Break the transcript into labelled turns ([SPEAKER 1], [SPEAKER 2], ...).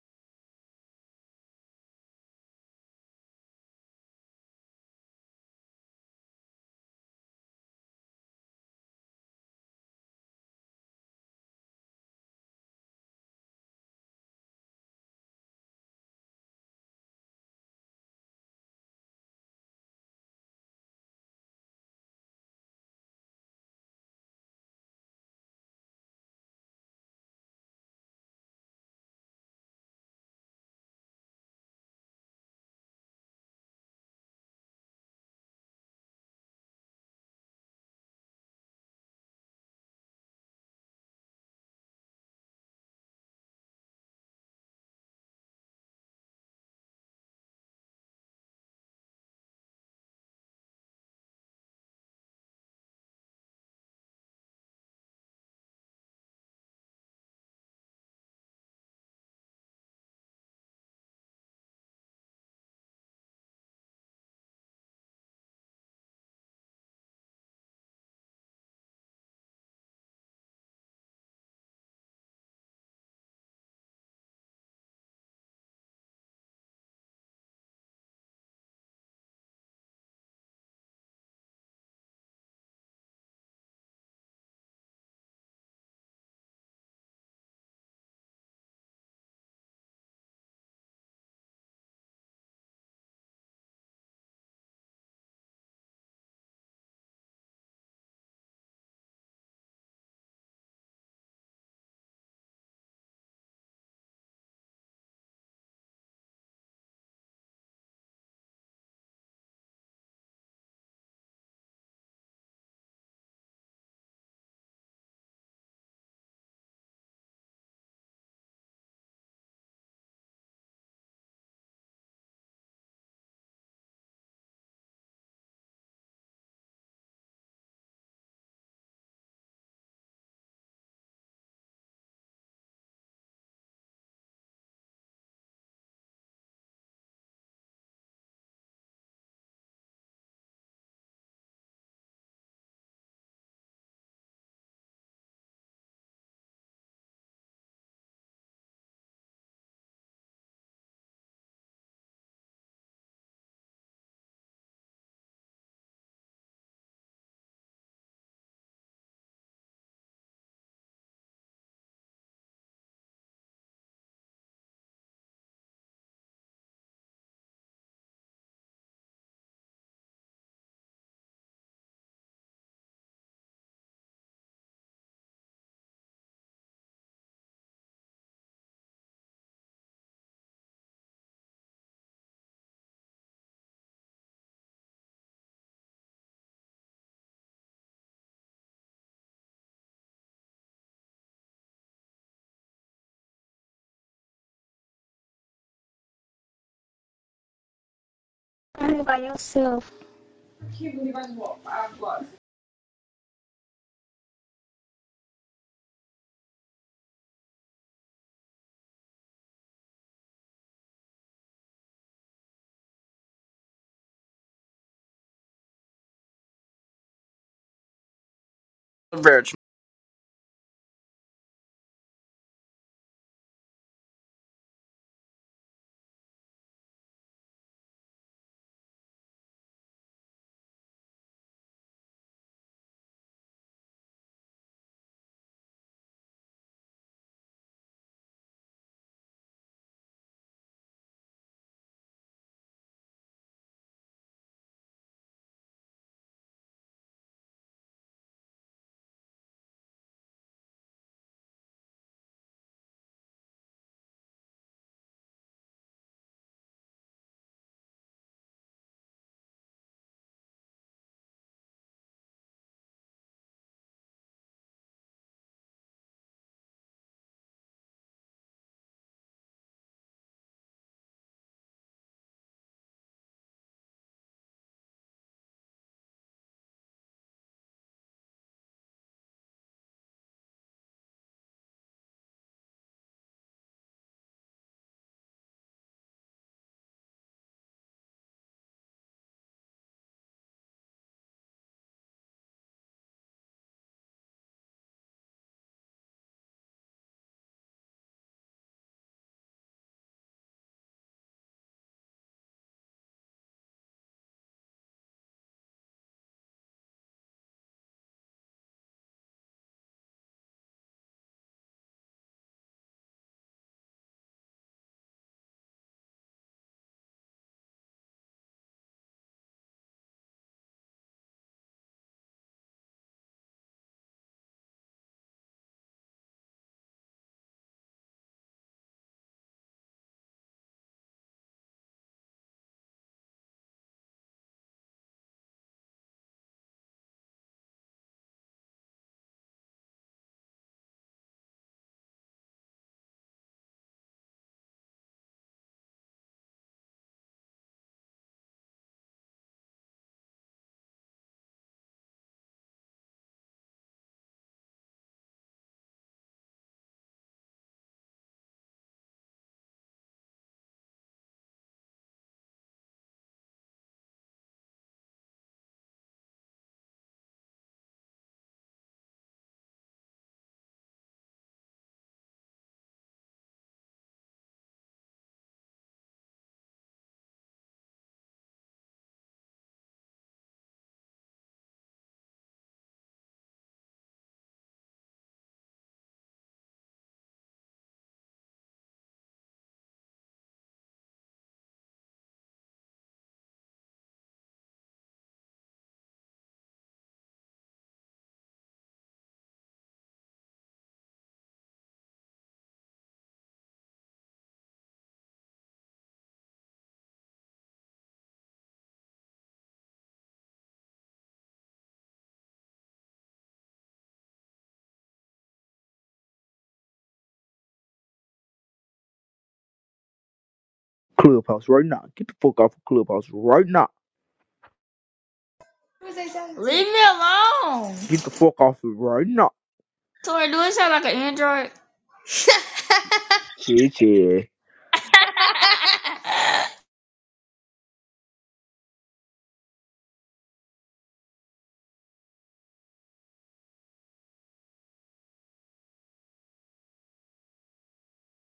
[SPEAKER 1] by yourself.
[SPEAKER 2] verge
[SPEAKER 3] Clubhouse right now. Get the fuck off of Clubhouse right now.
[SPEAKER 4] Leave me alone.
[SPEAKER 3] Get the fuck off of it right now.
[SPEAKER 4] So we're doing sound like an android.
[SPEAKER 3] Shit, yeah.